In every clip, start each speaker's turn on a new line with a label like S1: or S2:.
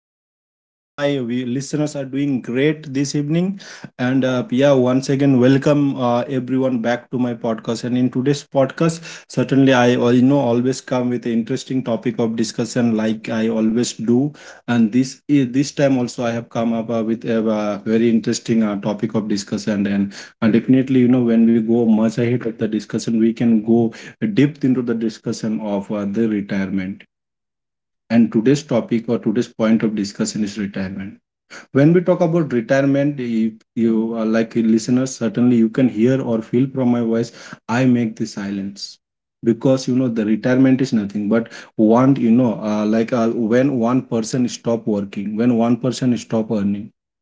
S1: hope all of my listeners are doing great this evening. Once again, welcome everyone back to my podcast. And in today's podcast, certainly I always come with an interesting topic of discussion, like I always do. And this time also, I have come up with a very interesting topic of discussion. And Definitely, you know, when we go much ahead of the discussion, we can go deep into the discussion of the retirement, and today's topic or today's point of discussion is retirement. When we talk about retirement, if you are like a listener, certainly you can hear or feel from my voice I make the silence, because you know the retirement is nothing but one, you know, when one person stop working, when one person stop earning.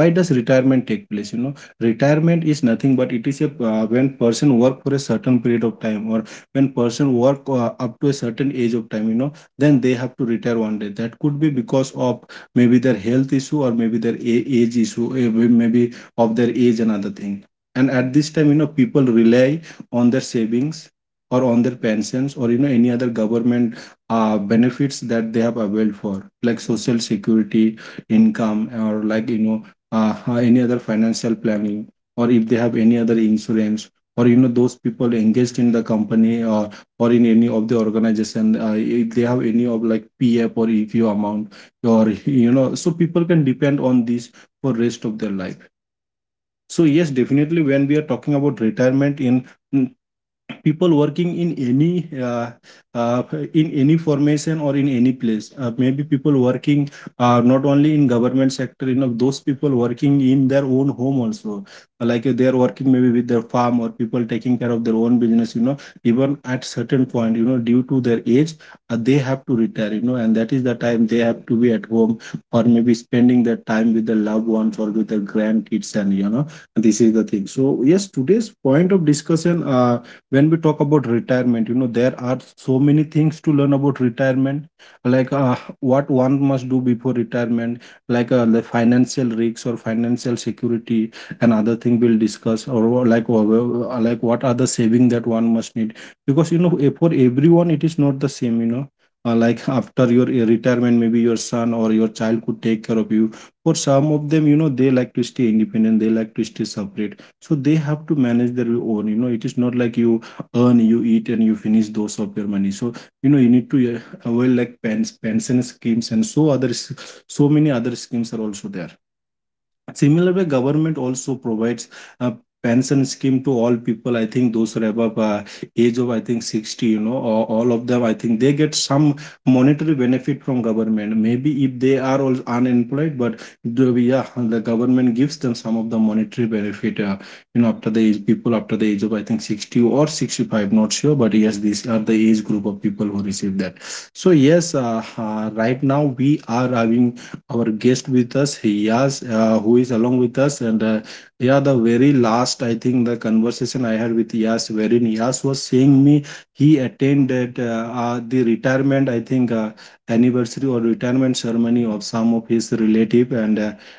S1: So why does retirement take place? You know, retirement is nothing but it is a when person work for a certain period of time, or when person work up to a certain age of time, you know. Then they have to retire one day. That could be because of maybe their health issue or maybe their age issue. Maybe of their age and other thing. And at this time, you know, people rely on their savings, or on their pensions, or you know any other government benefits that they have availed for, like social security income, or like you know, any other financial planning, or if they have any other insurance, or you know those people engaged in the company, or in any of the organization, if they have any of like PF or EQ amount, or you know, so people can depend on this for rest of their life. So yes, definitely when we are talking about retirement, in people working uh, in any formation or in any place, maybe people working, not only in government sector, you know, those people working in their own home also, like they are working maybe with their farm, or people taking care of their own business, you know, even at certain point, you know, due to their age, they have to retire, you know, and that is the time they have to be at home, or maybe spending their time with their loved ones or with their grandkids, and you know this is the thing. So yes, today's point of discussion, when we talk about retirement, you know there are so many things to learn about retirement, like what one must do before retirement, like the financial risks or financial security and other thing we'll discuss. Or like wha- like what are the saving that one must need, because you know for everyone it is not the same, you know. Like after your retirement, maybe your son or your child could take care of you. For some of them, you know, they like to stay independent, they like to stay separate, so they have to manage their own. You know, it is not like you earn, you eat, and you finish those of your money. So you know, you need to avail like pension schemes, and so many other schemes are also there. Similarly, government also provides a pension scheme to all people. I think those are above age of I think 60. You know, or all of them, I think they get some monetary benefit from government, maybe if they are all unemployed. But yeah, the government gives them some of the monetary benefit. You know, after the age, people after the age of I think 60 or 65, not sure, but yes, these are the age group of people who receive that. So yes, right now we are having our guest with us Yas, who is along with us, and yeah, the very last I think the conversation I had with Yas, wherein Yas was saying me he attended the retirement, I think anniversary or retirement ceremony of some of his relative. and uh,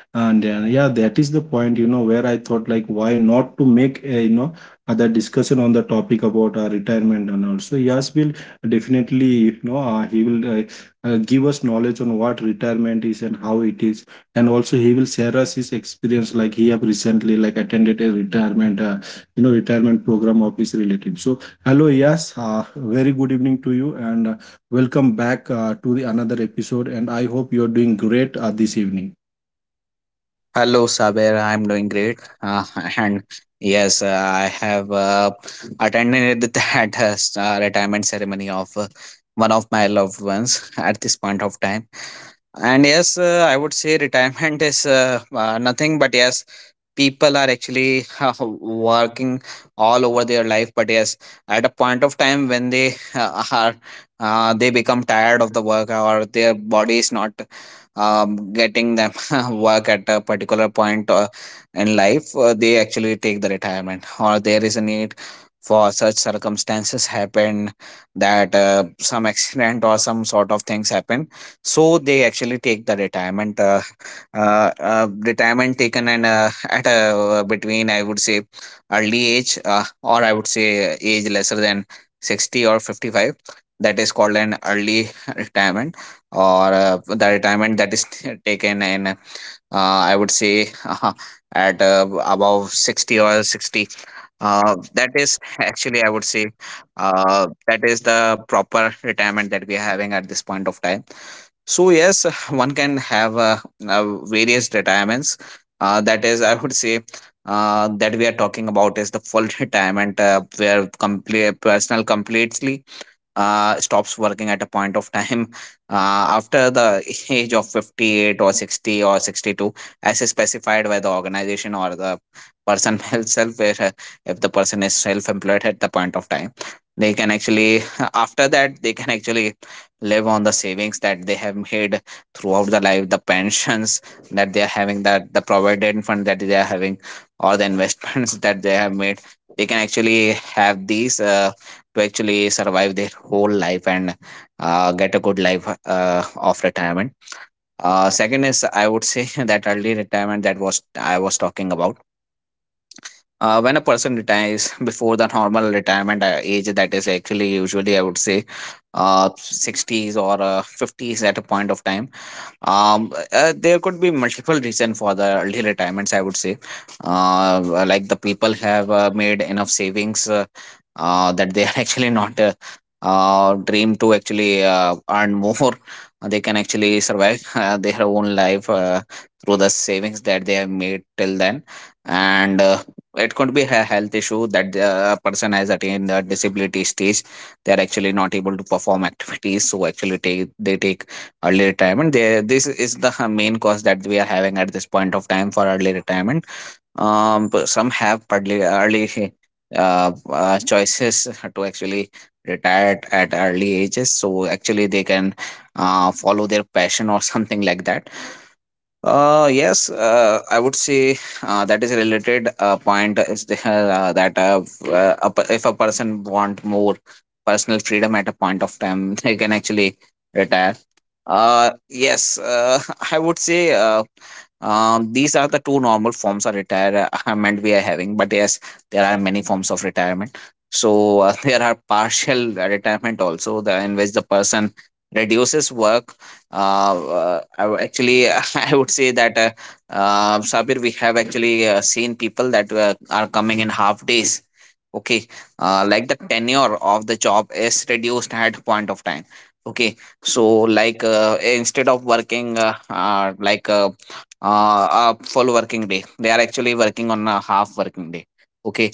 S1: and uh, yeah, that is the point, you know, where I thought like why not to make a, you know, other discussion on the topic about retirement. And also Yas will definitely you know he will give us knowledge on what retirement is and how it is. And also he will share us his experience, like he have recently like attended a retirement you know retirement program of his relative. So hello yes very good evening to you, and welcome back to the another episode, and I hope you are doing great this evening.
S2: Hello, Saber. I'm doing great. And yes, I have attended that retirement ceremony of one of my loved ones at this point of time. And yes, I would say retirement is nothing but yes, people are actually working all over their life. But yes, at a point of time when they become tired of the work, or their body is not getting them work at a particular point in life, they actually take the retirement, or there is a need for such circumstances happen that some accident or some sort of things happen, so they actually take the retirement retirement taken, and at a between I would say early age, or I would say age lesser than 60 or 55, that is called an early retirement, or the retirement that is taken in, I would say, at above 60 or 60, that is actually, I would say, that is the proper retirement that we are having at this point of time. So yes, one can have various retirements. That is, I would say, that we are talking about is the full retirement, where complete personal completely stops working at a point of time, after the age of 58 or 60 or 62, as is specified by the organization or the person himself, where, if the person is self-employed at the point of time, they can actually after that they can actually live on the savings that they have made throughout the life, the pensions that they are having, that the provident fund that they are having or the investments that they have made. They can actually have these to actually survive their whole life, and get a good life of retirement. Second is, I would say, that early retirement that was I was talking about. When a person retires before the normal retirement age, that is actually usually, I would say, 60s or 50s at a point of time. There could be multiple reason for the early retirements, I would say. Like the people have made enough savings, that they are actually not dream to actually earn more. They can actually survive their own life through the savings that they have made till then. And it could be a health issue that the person has attained the disability stage. They are actually not able to perform activities, so actually take they take early retirement there, this is the main cause that we are having at this point of time for early retirement. But some have early choices to actually retire at early ages, so actually they can follow their passion, or something like that. Yes, I would say that is a related point is the, that a per- if a person want more personal freedom at a point of time, they can actually retire. Yes, I would say, these are the two normal forms of retirement we are having. But yes, there are many forms of retirement. So there are partial retirement also, in which the person reduces work. Actually, I would say that, Sabir, we have actually seen people that are coming in half days. Okay. Like the tenure of the job is reduced at point of time. Okay. So, like instead of working a full working day, they are actually working on a half working day. Okay.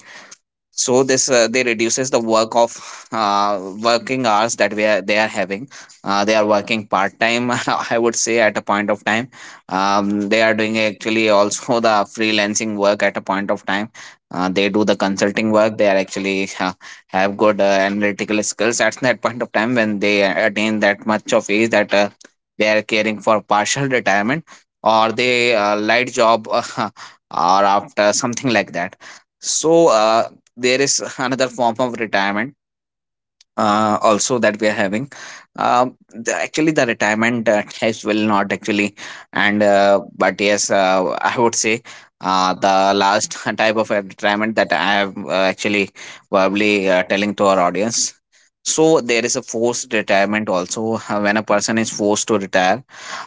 S2: So this they reduces the work of working hours that they are having, they are working part time, I would say, at a point of time. They are doing actually also the freelancing work at a point of time. They do the consulting work. They are actually have good analytical skills at that point of time when they attain that much of age that they are caring for partial retirement, or they light job, or after something like that. So there is another form of retirement also that we are having. Actually the retirement types will not actually. And But yes, I would say, the last type of retirement that I am actually probably telling to our audience. So there is a forced retirement also, when a person is forced to retire,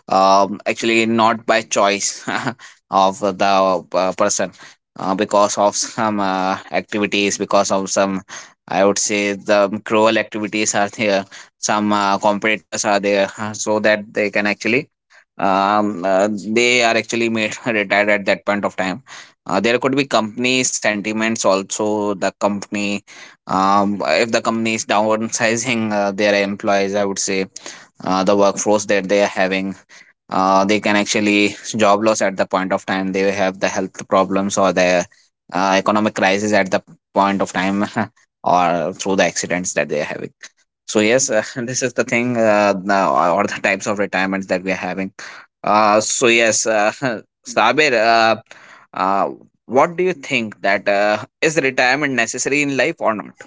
S2: actually not by choice of the person, because of some activities, because of some, I would say, the cruel activities are there, some competitors are there, so that they can actually they are actually made retired at that point of time. There could be company sentiments also, the company, if the company is downsizing their employees, I would say, the workforce that they are having, they can actually job loss at the point of time, they have the health problems, or the economic crisis at the point of time, or through the accidents that they are having. So yes, this is the thing, now, or the types of retirements that we are having. So yes, Sabir, uh, what do you think that, is retirement necessary in life or not?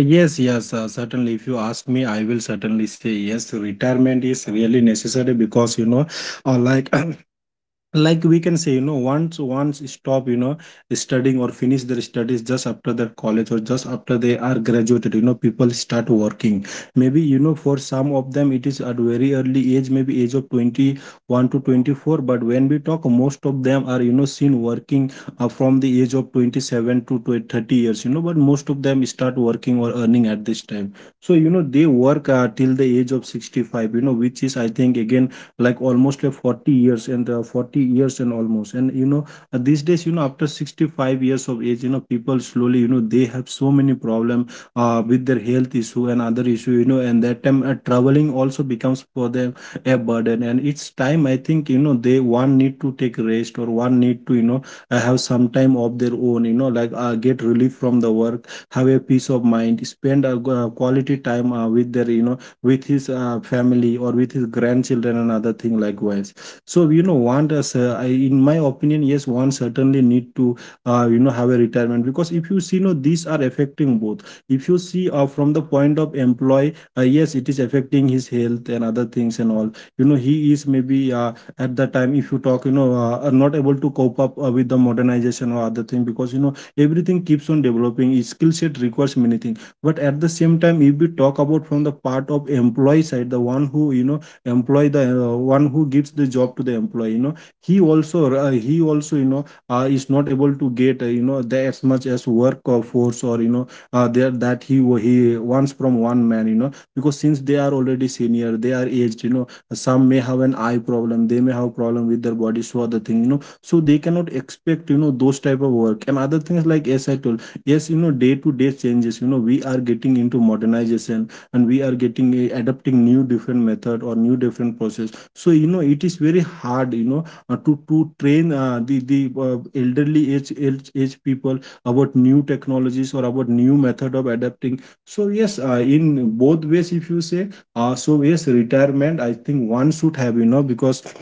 S1: Yes, certainly. If you ask me, I will certainly say yes. Retirement is really necessary because you know, uh, like like we can say, you know, once stop, you know, studying or finish their studies just after their college, or just after they are graduated, you know people start working. Maybe you know for some of them it is at very early age, maybe age of 21 to 24. But when we talk, most of them are you know seen working from the age of 27 to 20 30 years, you know. But most of them start working or earning at this time. So you know they work till the age of 65, you know, which is I think again like almost like 40 years, and 40 years and almost. And you know, these days, you know, after 65 years of age, you know, people slowly, you know, they have so many problem with their health issue and other issue, you know. And that time traveling also becomes for them a burden, and it's time I think you know they one need to take rest, or one need to you know have some time of their own. You know, like get relief from the work, have a peace of mind, spend a quality time with their, you know, with his family or with his grandchildren and other thing likewise. So you know want us I, in my opinion, yes, one certainly need to you know have a retirement. Because if you see, you know, these are affecting both. If you see from the point of employee, yes it is affecting his health and other things and all, you know. He is maybe at the time if you talk, you know, are not able to cope up with the modernization or other thing, because you know everything keeps on developing, his skill set requires many things. But at the same time, if we talk about from the part of employee side, the one who you know employ, the one who gives the job to the employee, you know, he also you know is not able to get you know the, as much as work or force, or you know there that he wants from one man, you know, because since they are already senior, they are aged, you know, some may have an eye problem, they may have problem with their body so other thing, you know, so they cannot expect you know those type of work and other things like as I told. Yes, you know, day to day changes, you know, we are getting into modernization, and we are getting adopting new different method or new different process. So you know it is very hard, you know, to train the elderly age people about new technologies or about new method of adapting. So yes, in both ways if you say, so yes retirement I think one should have, you know, because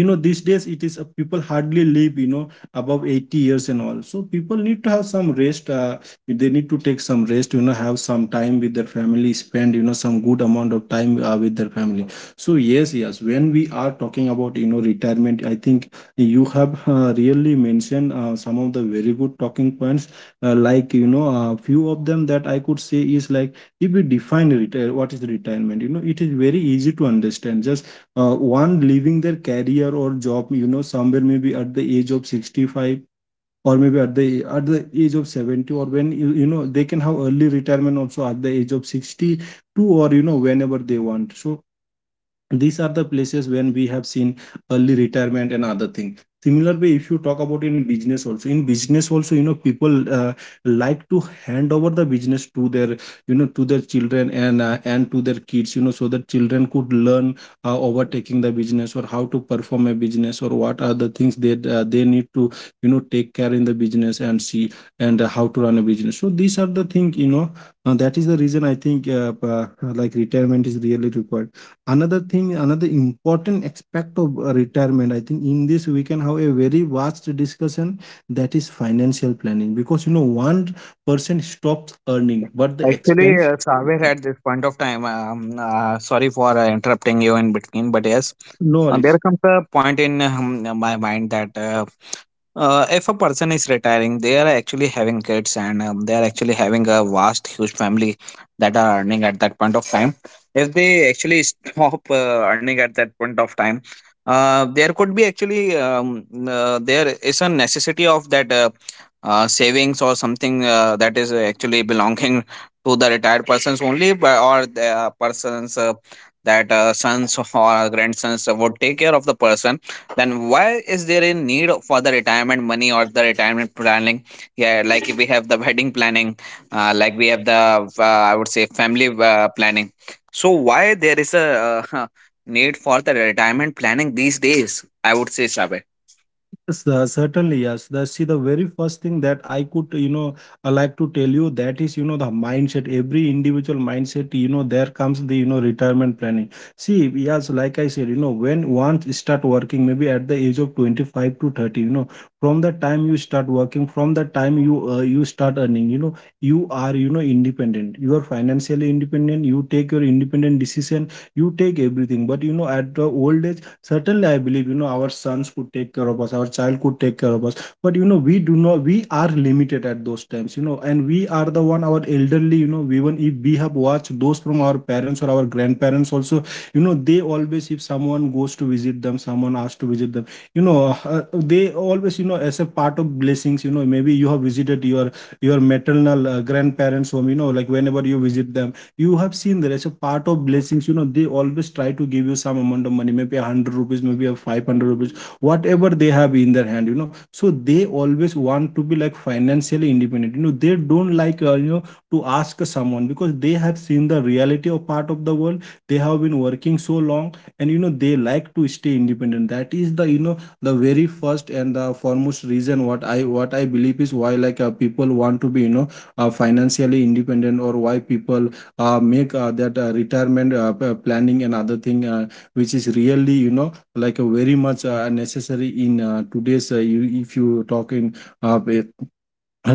S1: you know these days it is people hardly live you know above 80 years and all. So people need to have some rest, they need to take some rest, you know, have some time with their family, spend you know some good amount of time with their family. So yes, yes, when we are talking about you know retirement, I think you have really mentioned some of the very good talking points, like you know a few of them that I could say is like, if we define retire, what is retirement? You know, it is very easy to understand, just one leaving their career or job, you know, somewhere maybe at the age of 65, or maybe at the age of 70, or when you know, they can have early retirement also at the age of 62, or Whenever they want, so these are the places when we have seen early retirement and other things. Similar way, if you talk about in business also, in business also, people like to hand over the business to their, to their children, and to their kids, so that children could learn overtaking the business, or how to perform a business, or what are the things that they need to, take care in the business, and see, and how to run a business. So these are the things. That is the reason, I think. Like, retirement is really required. Another thing, another important aspect of retirement, I think in this we can have a very vast discussion, that is financial planning, because one person stops earning but the
S2: Actually,
S1: expense.
S2: Saber, at this point of time, sorry for interrupting you in between, but yes,
S1: No
S2: there
S1: worries.
S2: comes a point in my mind that if a person is retiring, they are actually having kids, and they are actually having a vast, huge family that are earning at that point of time. If they actually stop earning at that point of time, there could be actually, there is a necessity of that, savings or something that is actually belonging to the retired persons only, but or the persons, that sons or grandsons would take care of the person. Then why is there a need for the retirement money or the retirement planning? Yeah, like we have the wedding planning, like we have the, I would say, family planning. So why there is a need for the retirement planning these days? I would say, Sabe.
S1: Yes, certainly, yes. See, the very first thing that I could, I like to tell you, that is, the mindset. Every individual mindset, there comes the, retirement planning. See, yes, like I said, when once you start working, maybe at the age of 25 to 30, from the time you start working, from the time you start earning, you are, independent. You are financially independent. You take your independent decision. You take everything. But at the old age, certainly I believe, our sons could take care of us, our child could take care of us. But we do not, we are limited at those times, and we are the one. Our elderly, even if we have watched those from our parents or our grandparents also, they always, if someone goes to visit them, someone asks to visit them, they always, as a part of blessings, maybe you have visited your maternal grandparents home, like whenever you visit them, you have seen there. As a part of blessings, they always try to give you some amount of money, maybe a 100 rupees, maybe a 500 rupees, whatever they have in their hand, so they always want to be like financially independent, they don't like, to ask someone, because they have seen the reality of part of the world. They have been working so long, and they like to stay independent. That is the, the very first and the foremost reason, what I believe is, why like people want to be, financially independent, or why people make that retirement planning and other thing, which is really, like, a very much necessary in today's, you, if you talk in uh,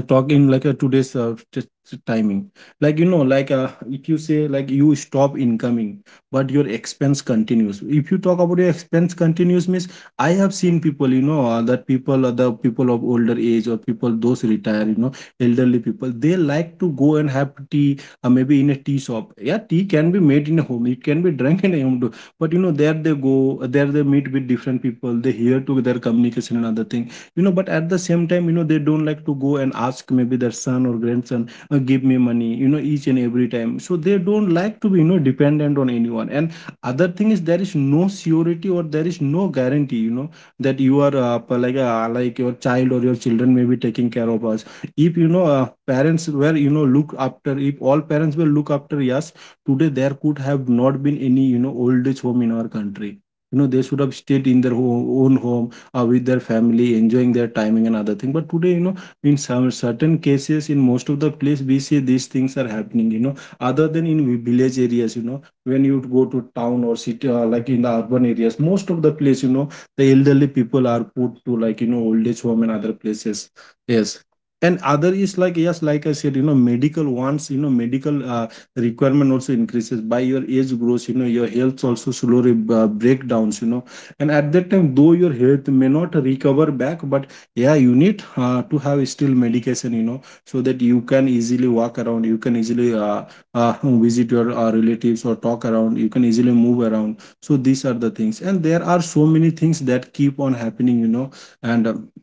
S1: I talk in like a today's timing, like like if you say like you stop incoming but your expense continues. If you talk about your expense continues means, I have seen people, that people, the people of older age, or people those retire, elderly people, they like to go and have tea, maybe in a tea shop. Yeah, tea can be made in a home, it can be drunk in a home too. But there they go, there they meet with different people, they hear to their communication and other thing, but at the same time, they don't like to go and ask, maybe their son or grandson, give me money, each and every time. So they don't like to be, dependent on anyone, and other thing is, there is no surety, or there is no guarantee, that you are like your child or your children may be taking care of us. If parents were, look after, if all parents will look after, yes, today there could have not been any, old age home in our country, they should have stayed in their own home, with their family, enjoying their timing and other thing. But today, in some certain cases, in most of the place, we see these things are happening. Other than in village areas, when you go to town or city, like in the urban areas, most of the place, the elderly people are put to, like, old age home and other places. Yes. And other is, like yes, like I said, medical wants, medical requirement also increases by your age grows, your health also slowly breakdowns, and at that time though your health may not recover back, but yeah, you need to have still medication, so that you can easily walk around, you can easily visit your relatives or talk around, you can easily move around. So these are the things, and there are so many things that keep on happening, and um,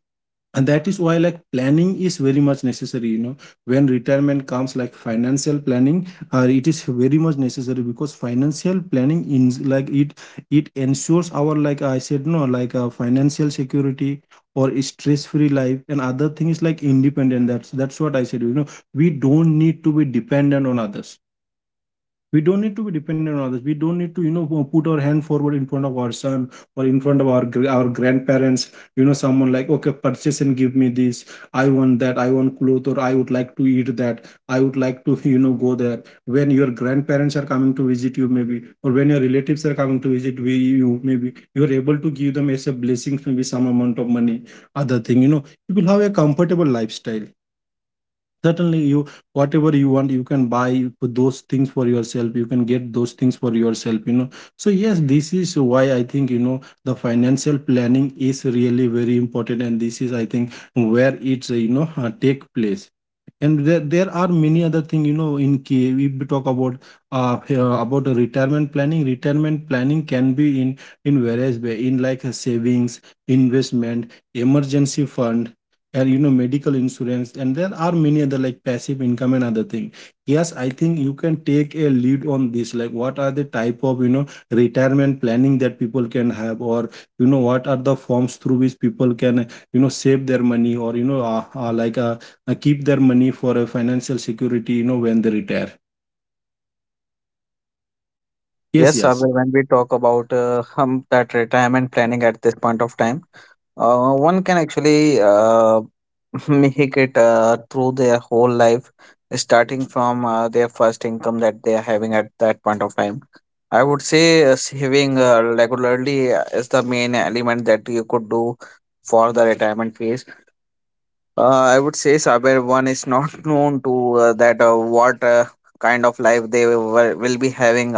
S1: and that is why like planning is very much necessary, when retirement comes, like financial planning it is very much necessary. Because financial planning, in like it, it ensures our, like I said, no, like financial security, or a stress-free life, and other thing is like independent. That's what I said, we don't need to be dependent on others, we don't need to be dependent on others, we don't need to, put our hand forward in front of our son, or in front of our our grandparents, someone like, okay, purchase and give me this, I want that, I want cloth, or I would like to eat that, I would like to, go there. When your grandparents are coming to visit you, maybe, or when your relatives are coming to visit you, maybe you are able to give them as a blessings, maybe some amount of money. Other thing, you will have a comfortable lifestyle, certainly. You, whatever you want, you can buy for those things for yourself, you can get those things for yourself, so yes, this is why I think, the financial planning is really very important, and this is, I think, where it's take place. And there are many other thing, in, if we talk about here about the retirement planning, retirement planning can be in various way, in like a savings, investment, emergency fund, and medical insurance, and there are many other like passive income and other thing. Yes, I think you can take a lead on this, like what are the type of, retirement planning that people can have, or what are the forms through which people can, save their money, or keep their money for a financial security, when they retire. Yes,
S2: Yes, Sabir,
S1: yes.
S2: when we talk about that retirement planning at this point of time, one can actually make it through their whole life, starting from their first income that they are having at that point of time. I would say saving regularly is the main element that you could do for the retirement phase. Uh, I would say, Saber, one is not known to that, what kind of life they will be having.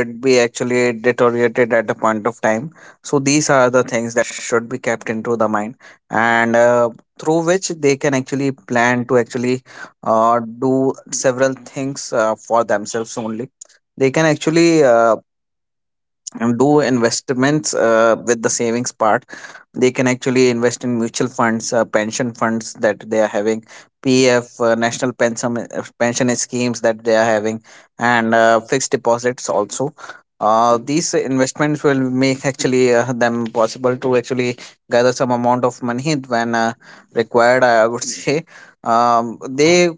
S2: Health would be actually deteriorated at a point of time, so these are the things that should be kept into the mind. And through which they can actually plan to actually do several things for themselves only. They can actually and do investments with the savings part. They can actually invest in mutual funds, pension funds that they are having, PF, national pension schemes that they are having, and fixed deposits also. These investments will make actually them possible to actually gather some amount of money when required, I would say. um, they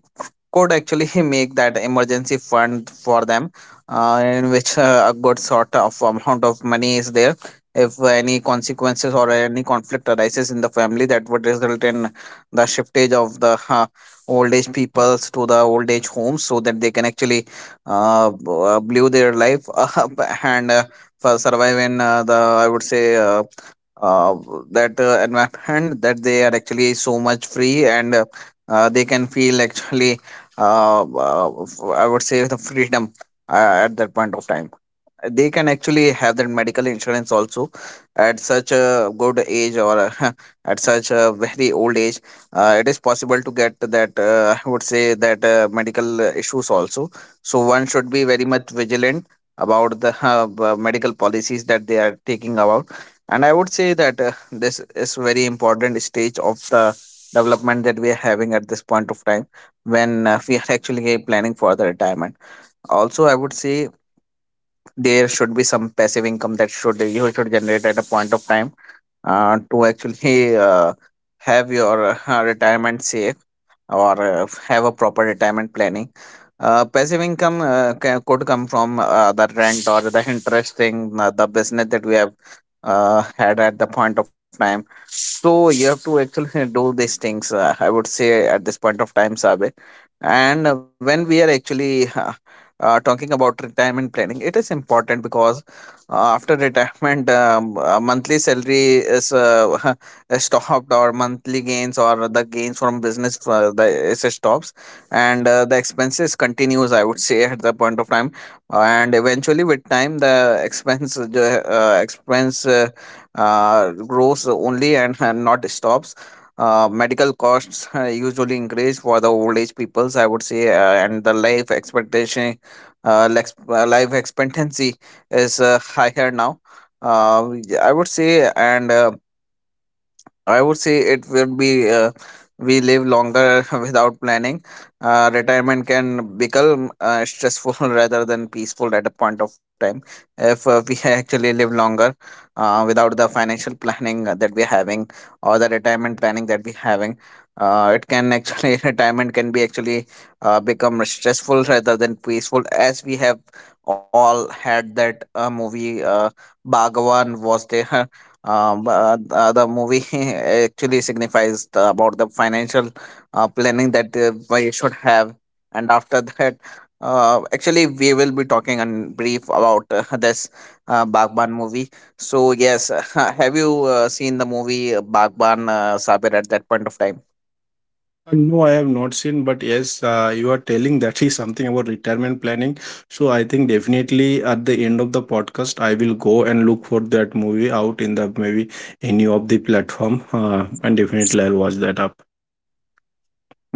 S2: could actually make that emergency fund for them, in which a good sort of amount of money is there, if any consequences or any conflict arises in the family that would result in the shiftage of the old age peoples to the old age homes, so that they can actually live their life up, and for survive in the, I would say, uh, that environment that they are actually so much free, and they can feel actually I would say the freedom at that point of time. They can actually have that medical insurance also at such a good age, or at such a very old age. It is possible to get that, I would say, that medical issues also. So one should be very much vigilant about the medical policies that they are taking about. And I would say that this is very important stage of the development that we are having at this point of time when we are actually planning for the retirement also, I would say there should be some passive income that should you should generate at a point of time, to actually have your retirement safe or have a proper retirement planning. Passive income could come from the rent or the interest thing, the business that we have had at the point of time. So you have to actually do these things. I would say at this point of time, Sabe. And when we are actually talking about retirement planning, it is important because after retirement monthly salary is is stopped, or monthly gains or the gains from business is stops. And the expenses continues, I would say at the point of time. And eventually with time the expense grows only and not stops. Medical costs usually increase for the old age peoples, I would say, and the life expectation life expectancy is higher now. uh, I would say, and I would say it will be we live longer without planning. Retirement can become stressful rather than peaceful at a point of time if we actually live longer without the financial planning that we're having or the retirement planning that we're having. It can actually retirement can be actually become stressful rather than peaceful, as we have all had that movie, Bhagavan was there. The movie actually signifies about the financial planning that we should have, and after that actually we will be talking in brief about this Bagban movie. So yes, have you seen the movie, Bagban, Sabir, at that point of time?
S1: No, I have not seen, but yes, you are telling that is something about retirement planning. So I think definitely at the end of the podcast, I will go and look for that movie out in the maybe any of the platform, and definitely I'll watch that up.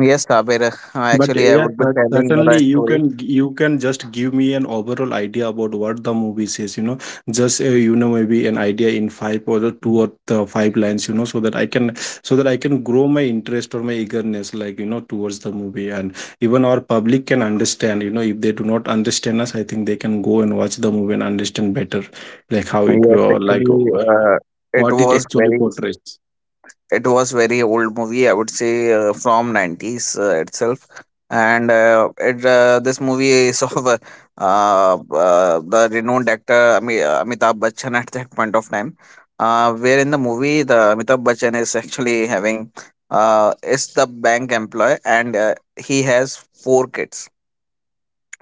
S2: Yes, Sabir,
S1: But
S2: actually I
S1: yeah,
S2: would be telling the
S1: certainly
S2: right
S1: you
S2: story.
S1: can, you can just give me an overall idea about what the movie says. You know, just maybe an idea in five or the two or the five lines. You know, so that I can, grow my interest or my eagerness, like towards the movie, and even our public can understand. You know, if they do not understand us, I think they can go and watch the movie and understand better, like how it
S2: Yes, actually, it
S1: what it
S2: was
S1: actually
S2: very
S1: portrays.
S2: it was very old movie, I would say, from 90s itself. And uh, it uh, this movie is of the renowned actor, Amitabh Bachchan, at that point of time, where in the movie the Amitabh Bachchan is actually having uh, is the bank employee. And he has four kids.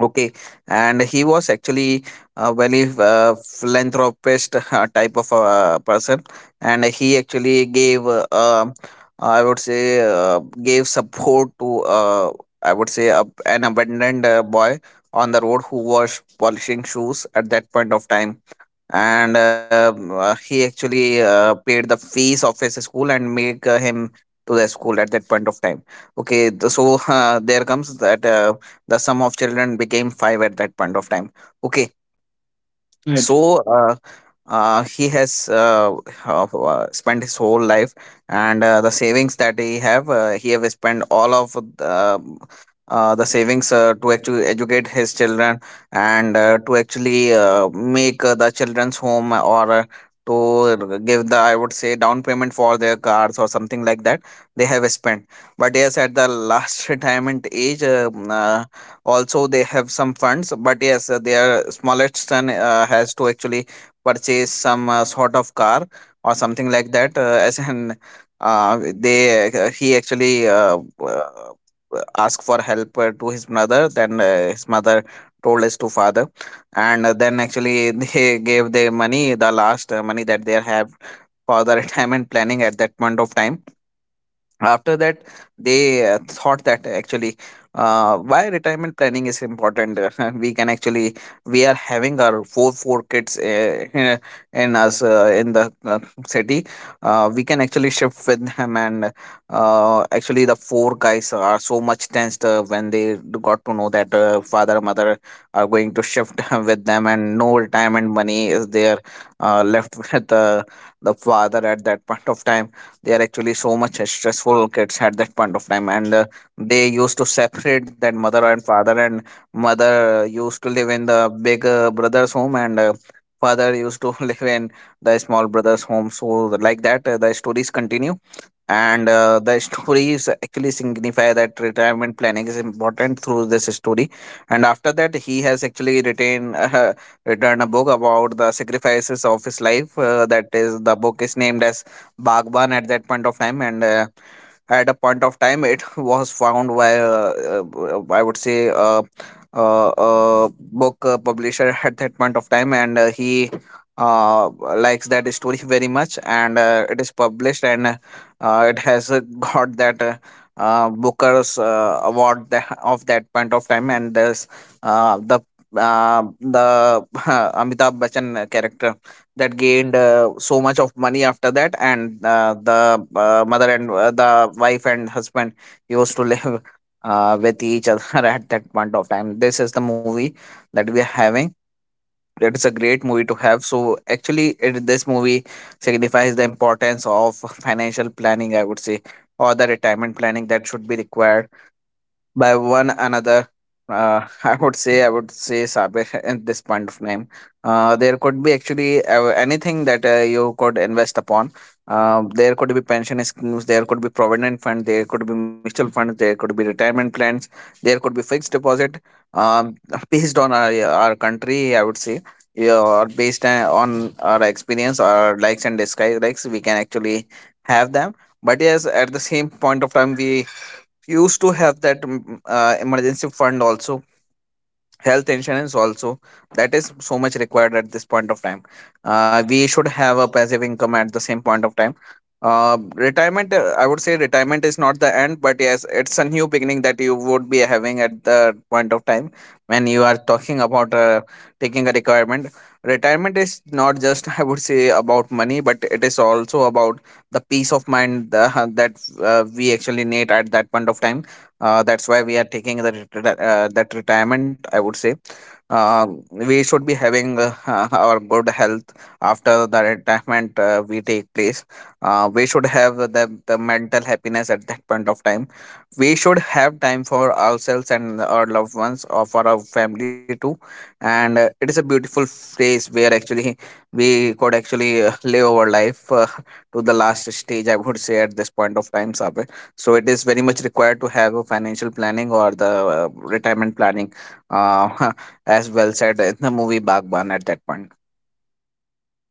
S2: Okay, and he was actually a very philanthropist type of a person, and he actually gave, I would say, gave support to, I would say, an abandoned boy on the road who was polishing shoes at that point of time. And he actually paid the fees of his school and make him to the school at that point of time. Okay, so there comes that the sum of children became five at that point of time. Okay,
S1: Right.
S2: so he has spent his whole life, and the savings that he have, he have spent all of the savings to actually educate his children, and to actually make the children's home, or to give the, I would say, down payment for their cars or something like that they have spent. But yes, at the last retirement age, also they have some funds, but yes, their smallest son has to actually purchase some sort of car or something like that as an uh, they he actually uh, asked for help to his mother, then his mother told us to father. And then actually they gave the money, the last money that they have for the retirement planning at that point of time. After that they thought that actually why retirement planning is important. We can actually, we are having our four kids in us, in the city. We can actually shift with them, and actually the four guys are so much tensed when they got to know that father mother are going to shift with them, and no retirement money is there left with the father at that point of time. They are actually so much stressful kids at that point of time, and they used to separate that mother and father, and mother used to live in the big brother's home, and father used to live in the small brother's home. So like that the stories continue, and the stories actually signify that retirement planning is important through this story. And after that, he has actually written written a book about the sacrifices of his life, that is the book is named as Bagban at that point of time. And at a point of time, it was found by I would say book publisher at that point of time, and he uh, likes that story very much, and it is published, and it has got that. Booker's award that, of that point of time. And there's uh, the the Amitabh Bachchan character that gained so much of money after that. And uh, the uh, mother and the wife and husband used to live with each other at that point of time. This is the movie that we are having. It is a great movie to have. So actually this movie signifies the importance of financial planning, I would say, or the retirement planning that should be required by one another. I would say, I would say, Sabe, at this point of time. There could be actually anything that you could invest upon. There could be pension schemes, there could be provident fund, there could be mutual funds, there could be retirement plans, there could be fixed deposit. Um, Based on our country, I would say, yeah, or based on our experience, our likes and dislikes, we can actually have them. But yes, at the same point of time, we used to have that emergency fund also, health insurance also, that is so much required at this point of time. We should have a passive income at the same point of time. Retirement, I would say, retirement is not the end, but yes, it's a new beginning that you would be having at the point of time when you are talking about taking a requirement. Retirement is not just I would say about money, but it is also about the peace of mind, that we actually need at that point of time. That's why we are taking that that retirement, I would say, we should be having our good health after the retirement we take place. We should have the mental happiness at that point of time. We should have time for ourselves and our loved ones or for our family too. And it is a beautiful phase where actually we could actually live our life to the last stage, I would say, at this point of time, Sabir. So it is very much required to have a financial planning or the retirement planning, uh, as well said in the movie Bagban at that point.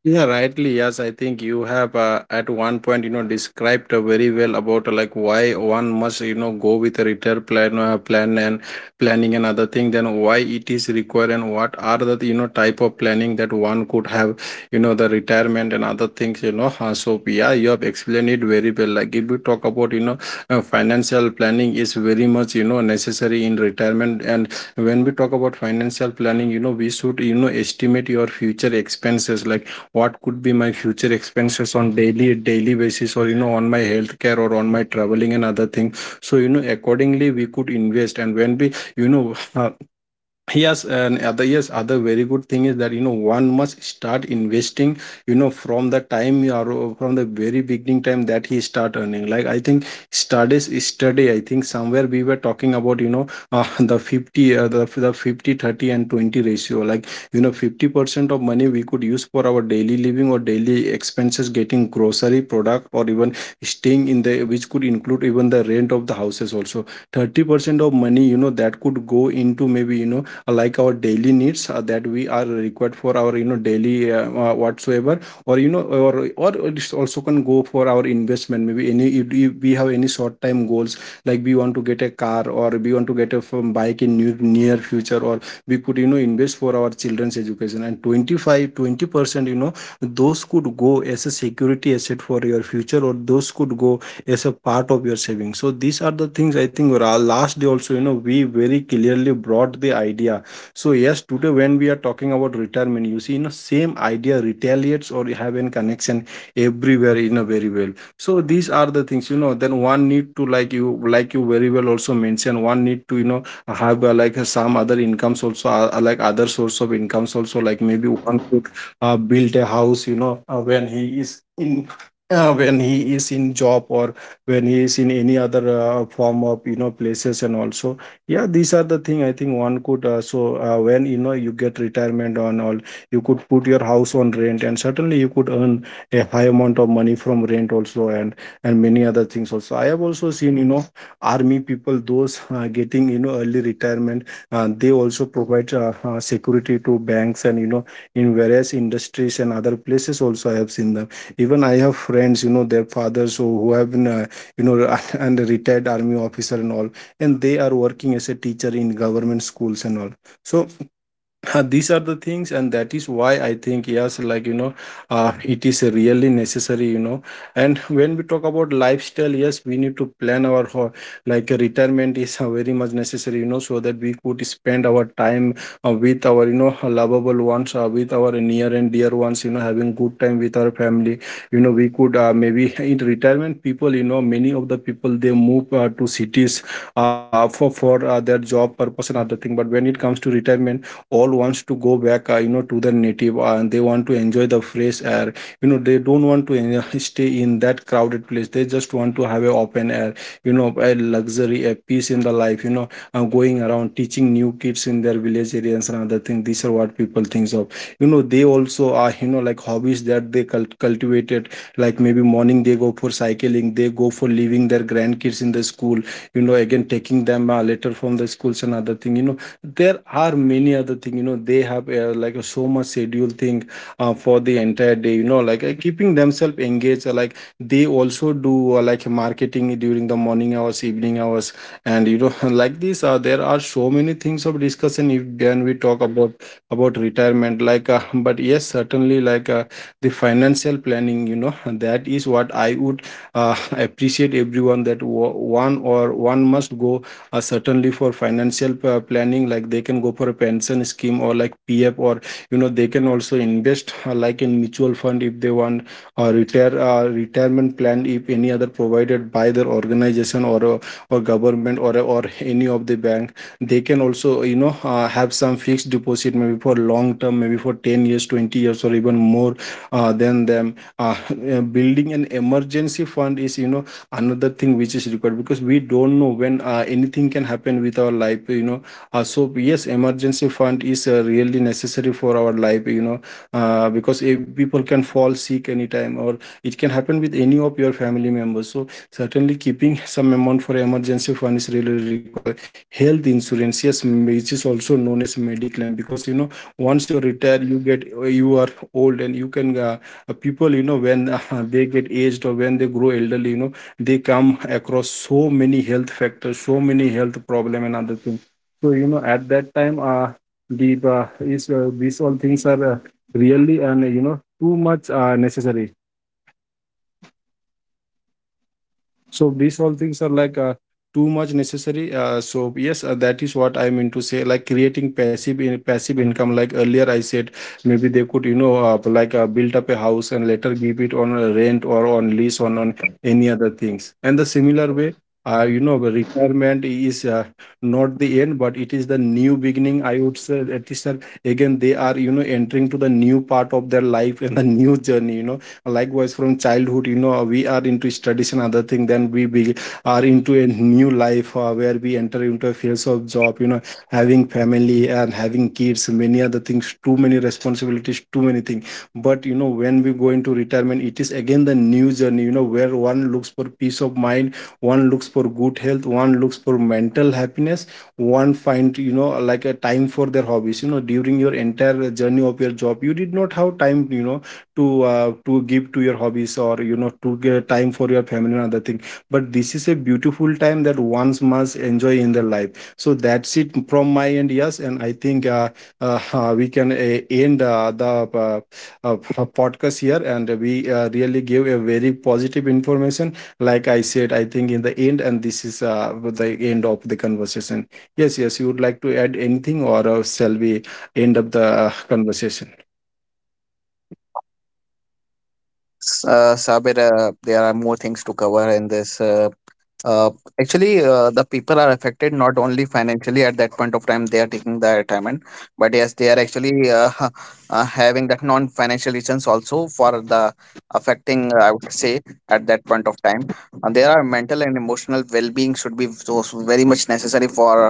S1: Yeah, rightly. Yes, I think you have, at one point, described very well about, like why one must, go with a retail plan, plan and planning and other thing. Then why it is required, and what are the, type of planning that one could have, the retirement and other things. So yeah, you have explained it very well. Like if we talk about, financial planning is very much, necessary in retirement. And when we talk about financial planning, you know, we should, you know, estimate your future expenses, like what could be my future expenses on daily basis, or you know on my healthcare or on my traveling and other thing. So you know accordingly we could invest. And when we you know yes. And other yes, other very good thing is that you know one must start investing, you know, from the time you are from the very beginning time that he start earning. Like I think studies study, I think somewhere we were talking about, you know, the 50, 30 and 20 ratio. Like you know 50% of money we could use for our daily living or daily expenses, getting grocery product, or even staying in the, which could include even the rent of the houses also. 30% of money, you know, that could go into maybe, you know, like our daily needs that we are required for our, you know, daily whatsoever, or you know, or it's also can go for our investment. Maybe any if we have any short time goals, like we want to get a car, or we want to get a bike in near future, or we could, you know, invest for our children's education. And 20%, you know, those could go as a security asset for your future, or those could go as a part of your savings. So these are the things, I think, last day also, you know, we very clearly brought the idea. So yes, today when we are talking about retirement, you see, you know, same idea retaliates or have a connection everywhere, you know, very well. So these are the things, you know, then one need to, like you, like you very well also mentioned, one need to, you know, have like some other incomes also, like other source of incomes also, like maybe one built a house, you know, when he is in when he is in job, or when he is in any other form of, you know, places. And also yeah, these are the thing, I think one could so when, you know, you get retirement on all, you could put your house on rent, and certainly you could earn a high amount of money from rent also. And many other things also I have also seen, you know, army people those getting, you know, early retirement, they also provide security to banks and, you know, in various industries and other places also I have seen them. Even I have friends, you know, their fathers who have been you know and retired army officer and all, and they are working as a teacher in government schools and all. So these are the things, and that is why I think yes, like, you know, it is really necessary, you know. And when we talk about lifestyle, yes we need to plan our like retirement is very much necessary, you know, so that we could spend our time with our, you know, lovable ones, with our near and dear ones, you know, having good time with our family. You know, we could maybe in retirement people, you know, many of the people they move to cities for their job purpose and other thing. But when it comes to retirement, all wants to go back, you know, to their native, and they want to enjoy the fresh air. You know, they don't want to stay in that crowded place, they just want to have a open air, you know, a luxury, a peace in the life, you know, going around teaching new kids in their village areas and other things. These are what people thinks of. You know, they also are, you know, like hobbies that they cultivated. Like maybe morning they go for cycling, they go for leaving their grandkids in the school, you know, again taking them later from the schools and other thing. You know, there are many other thing, you know, they have like a so much schedule thing for the entire day, you know, like keeping themselves engaged, like they also do like marketing during the morning hours, evening hours, and, you know, like this there are so many things of discussion if when we talk about retirement, like but yes certainly, like the financial planning, you know, that is what I would appreciate everyone that one must go certainly for financial planning. Like they can go for a pension scheme, or like pf, or you know they can also invest like in mutual fund if they want, or retirement plan if any other provided by their organization, or government or any of the bank. They can also, you know, have some fixed deposit, maybe for long term, maybe for 10 years, 20 years or even more than them. Building an emergency fund is, you know, another thing which is required, because we don't know when anything can happen with our life, you know. So yes, emergency fund is really necessary for our life, you know, because if people can fall sick anytime, or it can happen with any of your family members. So certainly keeping some amount for emergency fund is really required. Health insurance, yes, which is also known as mediclaim, because, you know, once you retire you get, you are old and you can people, you know, when they get aged, or when they grow elderly, you know, they come across so many health factors, so many health problem and other things. So, you know, at that time these all things are really and, you know, too much necessary. So these all things are like too much necessary. So yes, that is what I am into say. Like creating passive income. Like earlier I said, maybe they could, you know, like build up a house and later give it on a rent or on lease on any other things. And the similar way. You know, the retirement is not the end, but it is the new beginning. I would say that is again they are, you know, entering to the new part of their life and the new journey. You know, likewise from childhood, you know, we are into studies and other thing, then we are into a new life where we enter into a phase of job, you know, having family and having kids, many other things, too many responsibilities, too many things. But, you know, when we go into retirement, it is again the new journey, you know, where one looks for peace of mind, one looks for good health, one looks for mental happiness, one find, you know, like a time for their hobbies. You know, during your entire journey of your job you did not have time, you know, to to give to your hobbies, or, you know, to get time for your family and other thing. But this is a beautiful time that ones must enjoy in their life. So that's it from my end. Yes, and I think we can end the uh, uh, podcast here, and we really gave a very positive information, like I said I think in the end. And this is the end of the conversation. Yes, yes, you would like to add anything, or shall we end up the conversation?
S2: Sabir, there are more things to cover in this. Uh, Actually, the people are affected not only financially at that point of time they are taking the retirement, but yes, they are actually having that non-financial reasons also for the affecting, I would say, at that point of time. And there are mental and emotional well-being should be so so very much necessary for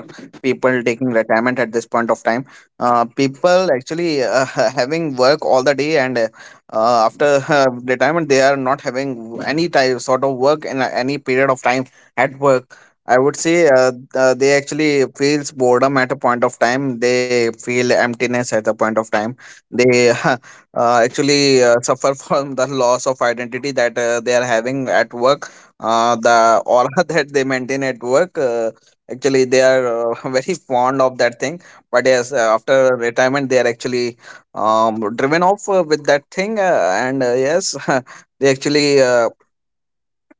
S2: people taking retirement at this point of time. People actually having work all the day, and after retirement they are not having any type sort of work in any period of time at work, I would say. They actually feels boredom at a point of time, they feel emptiness at a point of time, they actually suffer from the loss of identity that they are having at work. The aura that they maintain at work, actually they are very fond of that thing. But yes, after retirement they are actually driven off with that thing, and yes they actually uh,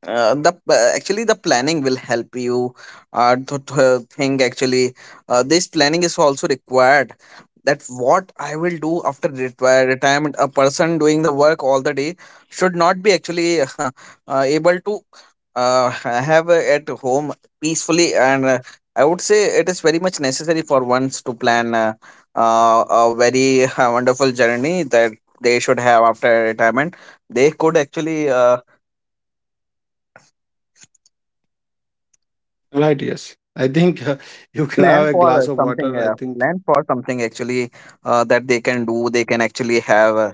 S2: uh, the pl- actually the planning will help you to think. Actually, this planning is also required, that what I will do after retirement. A person doing the work all the day should not be actually able to have at home peacefully. And I would say it is very much necessary for ones to plan a very wonderful journey that they should have after retirement. They could actually
S1: Right, yes. I think you can have
S2: plan
S1: a
S2: for
S1: glass of
S2: something
S1: water. I think,
S2: plan for something, actually, that they can do. They can actually have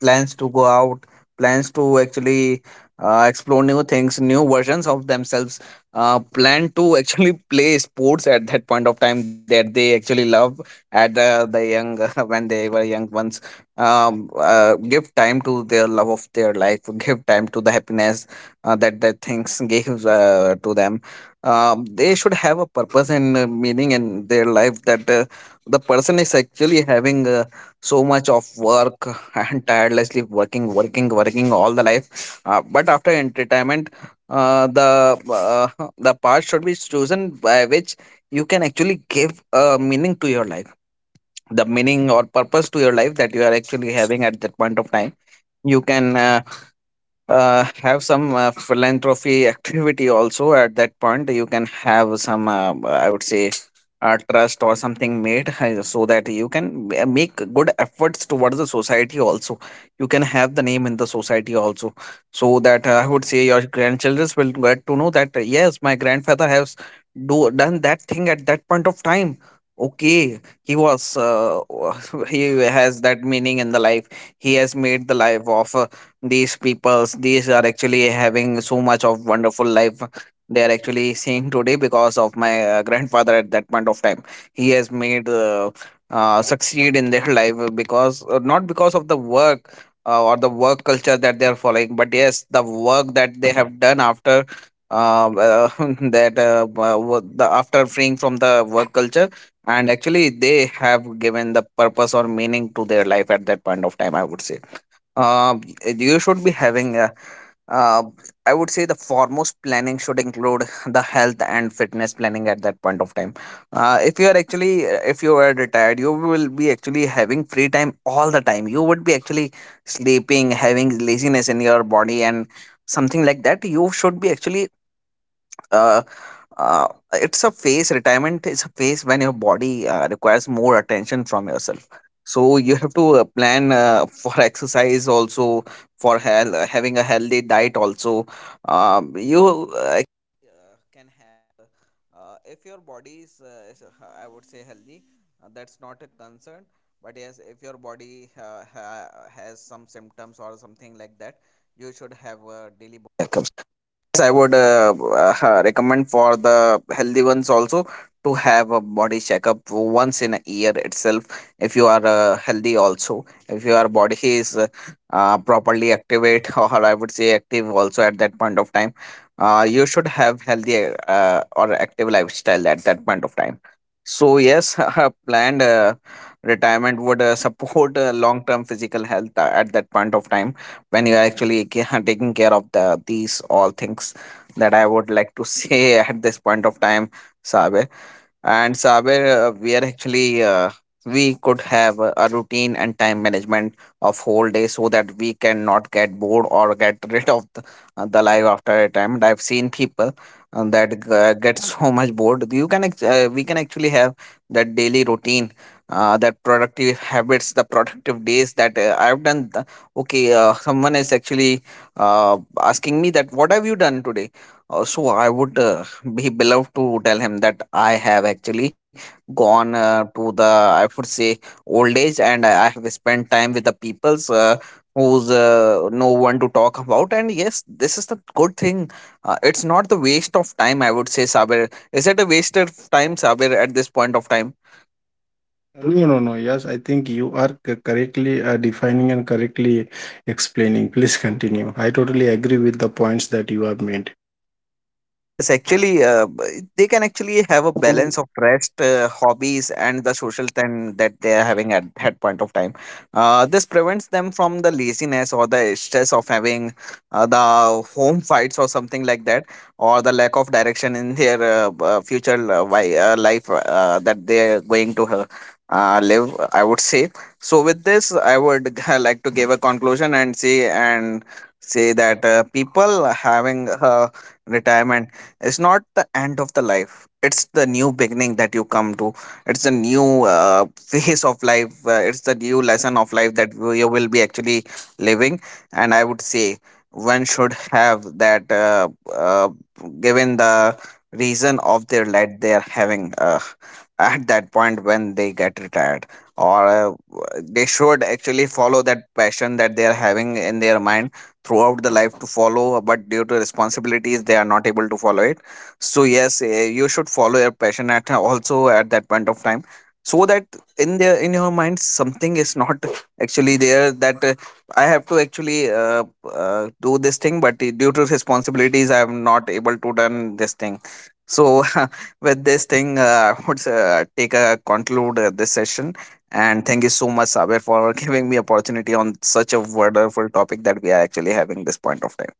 S2: plans to go out, plans to actually explore new things, new versions of themselves, plan to actually play sports at that point of time that they actually love at the young, when they were young ones. Give time to their love of their life, give time to the happiness that that things gives to them. They should have a purpose and meaning in their life. That the person is actually having so much of work and tirelessly working working all the life. But after entertainment, the the path should be chosen by which you can actually give a meaning to your life, the meaning or purpose to your life, that you are actually having at that point of time. You can have some philanthropy activity also at that point. You can have some, I would say, trust or something made, so that you can make good efforts towards the society also. You can have the name in the society also, so that I would say your grandchildren will get to know that, yes, my grandfather has do done that thing at that point of time. Okay, he was he has that meaning in the life. He has made the life of these peoples. These are actually having so much of wonderful life they are actually seeing today because of my grandfather at that point of time. He has made succeed in their life, because not because of the work or the work culture that they are following, but yes the work that they have done after uh, uh, that the after freeing from the work culture, and actually they have given the purpose or meaning to their life at that point of time, I would say. uh, you should be having, uh, I would say, the foremost planning should include the health and fitness planning at that point of time. If you are actually, if you are retired, you will be actually having free time all the time. You would be actually sleeping, having laziness in your body, and something like that. You should be actually uh, uh, it's a phase, retirement is a phase when your body requires more attention from yourself. So you have to plan for exercise also, for having a healthy diet also. You for the healthy ones also, to have a body checkup once in a year itself. If you are healthy also, if your body is properly activate or I would say active also at that point of time, you should have healthy or active lifestyle at that point of time. So yes, a planned retirement would support long term physical health at that point of time, when you are actually taking care of these all things. That I would like to say at this point of time, Saber. And Saber, we are actually, we could have a routine and time management of day, so that we cannot get bored or get rid of the life after a time. And I've seen people that get so much bored. You can we can actually have that daily routine, that productive habits, the productive days, that I've done the, okay, someone is actually asking me that what have you done today. So I would be beloved to tell him that I have actually gone to the, I would say, old age, and I have spent time with the peoples who's no one to talk about. And yes, this is the good thing. It's not the waste of time, I would say, Saber. Is it a waste of time, Saber, at this point of time?
S1: no, no, no. Yes, I think you are correctly defining and correctly explaining. Please continue. I totally agree with the points that you have made.
S2: Yes, actually, they can actually have a balance of rest, hobbies, and the social time that they are having at that point of time. This prevents them from the laziness or the stress of having the home fights or something like that, or the lack of direction in their future life that they are going to live, I would say. So with this, I would like to give a conclusion and say that people having retirement is not the end of the life, it's the new beginning that you come to. It's a new phase of life, it's the new lesson of life that you will be actually living. And I would say one should have that uh, given the reason of their life they are having at that point when they get retired, or they should actually follow that passion that they are having in their mind throughout the life to follow, but due to responsibilities they are not able to follow it. So yes, you should follow your passion at also at that point of time, so that in their in your mind something is not actually there, that I have to actually do this thing, but due to responsibilities I am not able to done this thing. So with this thing I would take a conclude this session. And thank you so much, Saber, for giving me opportunity on such a wonderful topic that we are actually having this point of time.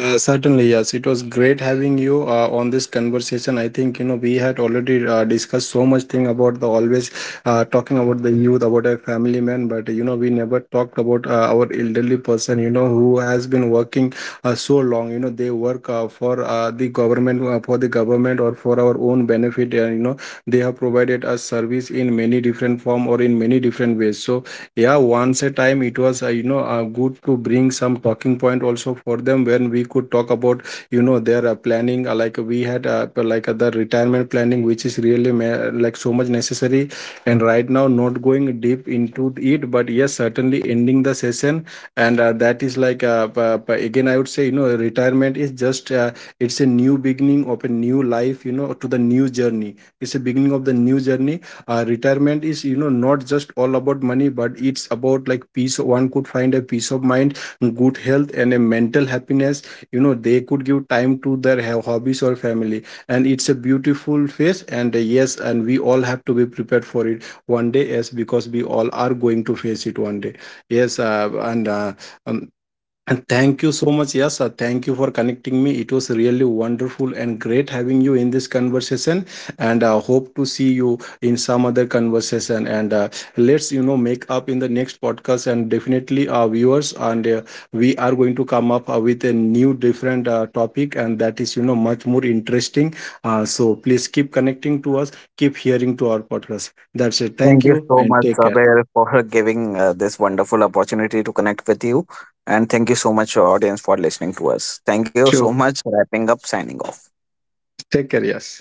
S1: Certainly, yes. It was great having you on this conversation. I think, you know, we had already discussed so much thing about the always talking about the youth, about a family man, but, you know, we never talked about our elderly person. You know, who has been working so long. You know, they work for the government, for the government or for our own benefit. And, you know, they have provided us service in many different form or in many different ways. So yeah, once a time it was, you know, good to bring some talking point also for them, when we could talk about, you know, their planning, like we had like the retirement planning, which is really like so much necessary. And right now not going deep into it, but yes certainly ending the session. And that is like again I would say, you know, retirement is just it's a new beginning of a new life, you know, to the new journey, it's a beginning of the new journey. Retirement is, you know, not just all about money, but it's about like peace, one could find a peace of mind, good health and a mental happiness. You know, they could give time to their hobbies or family. And it's a beautiful phase. And yes, and we all have to be prepared for it one day, yes, because we all are going to face it one day. Yes, um, and thank you so much, Yasa. Thank you for connecting me. It was really wonderful and great having you in this conversation. And I hope to see you in some other conversation. And let's, you know, make up in the next podcast. And definitely, our viewers, and we are going to come up with a new different topic. And that is, you know, much more interesting. So please keep connecting to us, keep hearing to our podcast. That's it.
S2: Thank
S1: Thank
S2: you
S1: you
S2: so
S1: and
S2: much,
S1: take care.
S2: Saber, for giving this wonderful opportunity to connect with you. And thank you so much, audience, for listening to us. Thank you so
S1: Sure.
S2: much. Wrapping up, signing off.
S1: Take care, yes.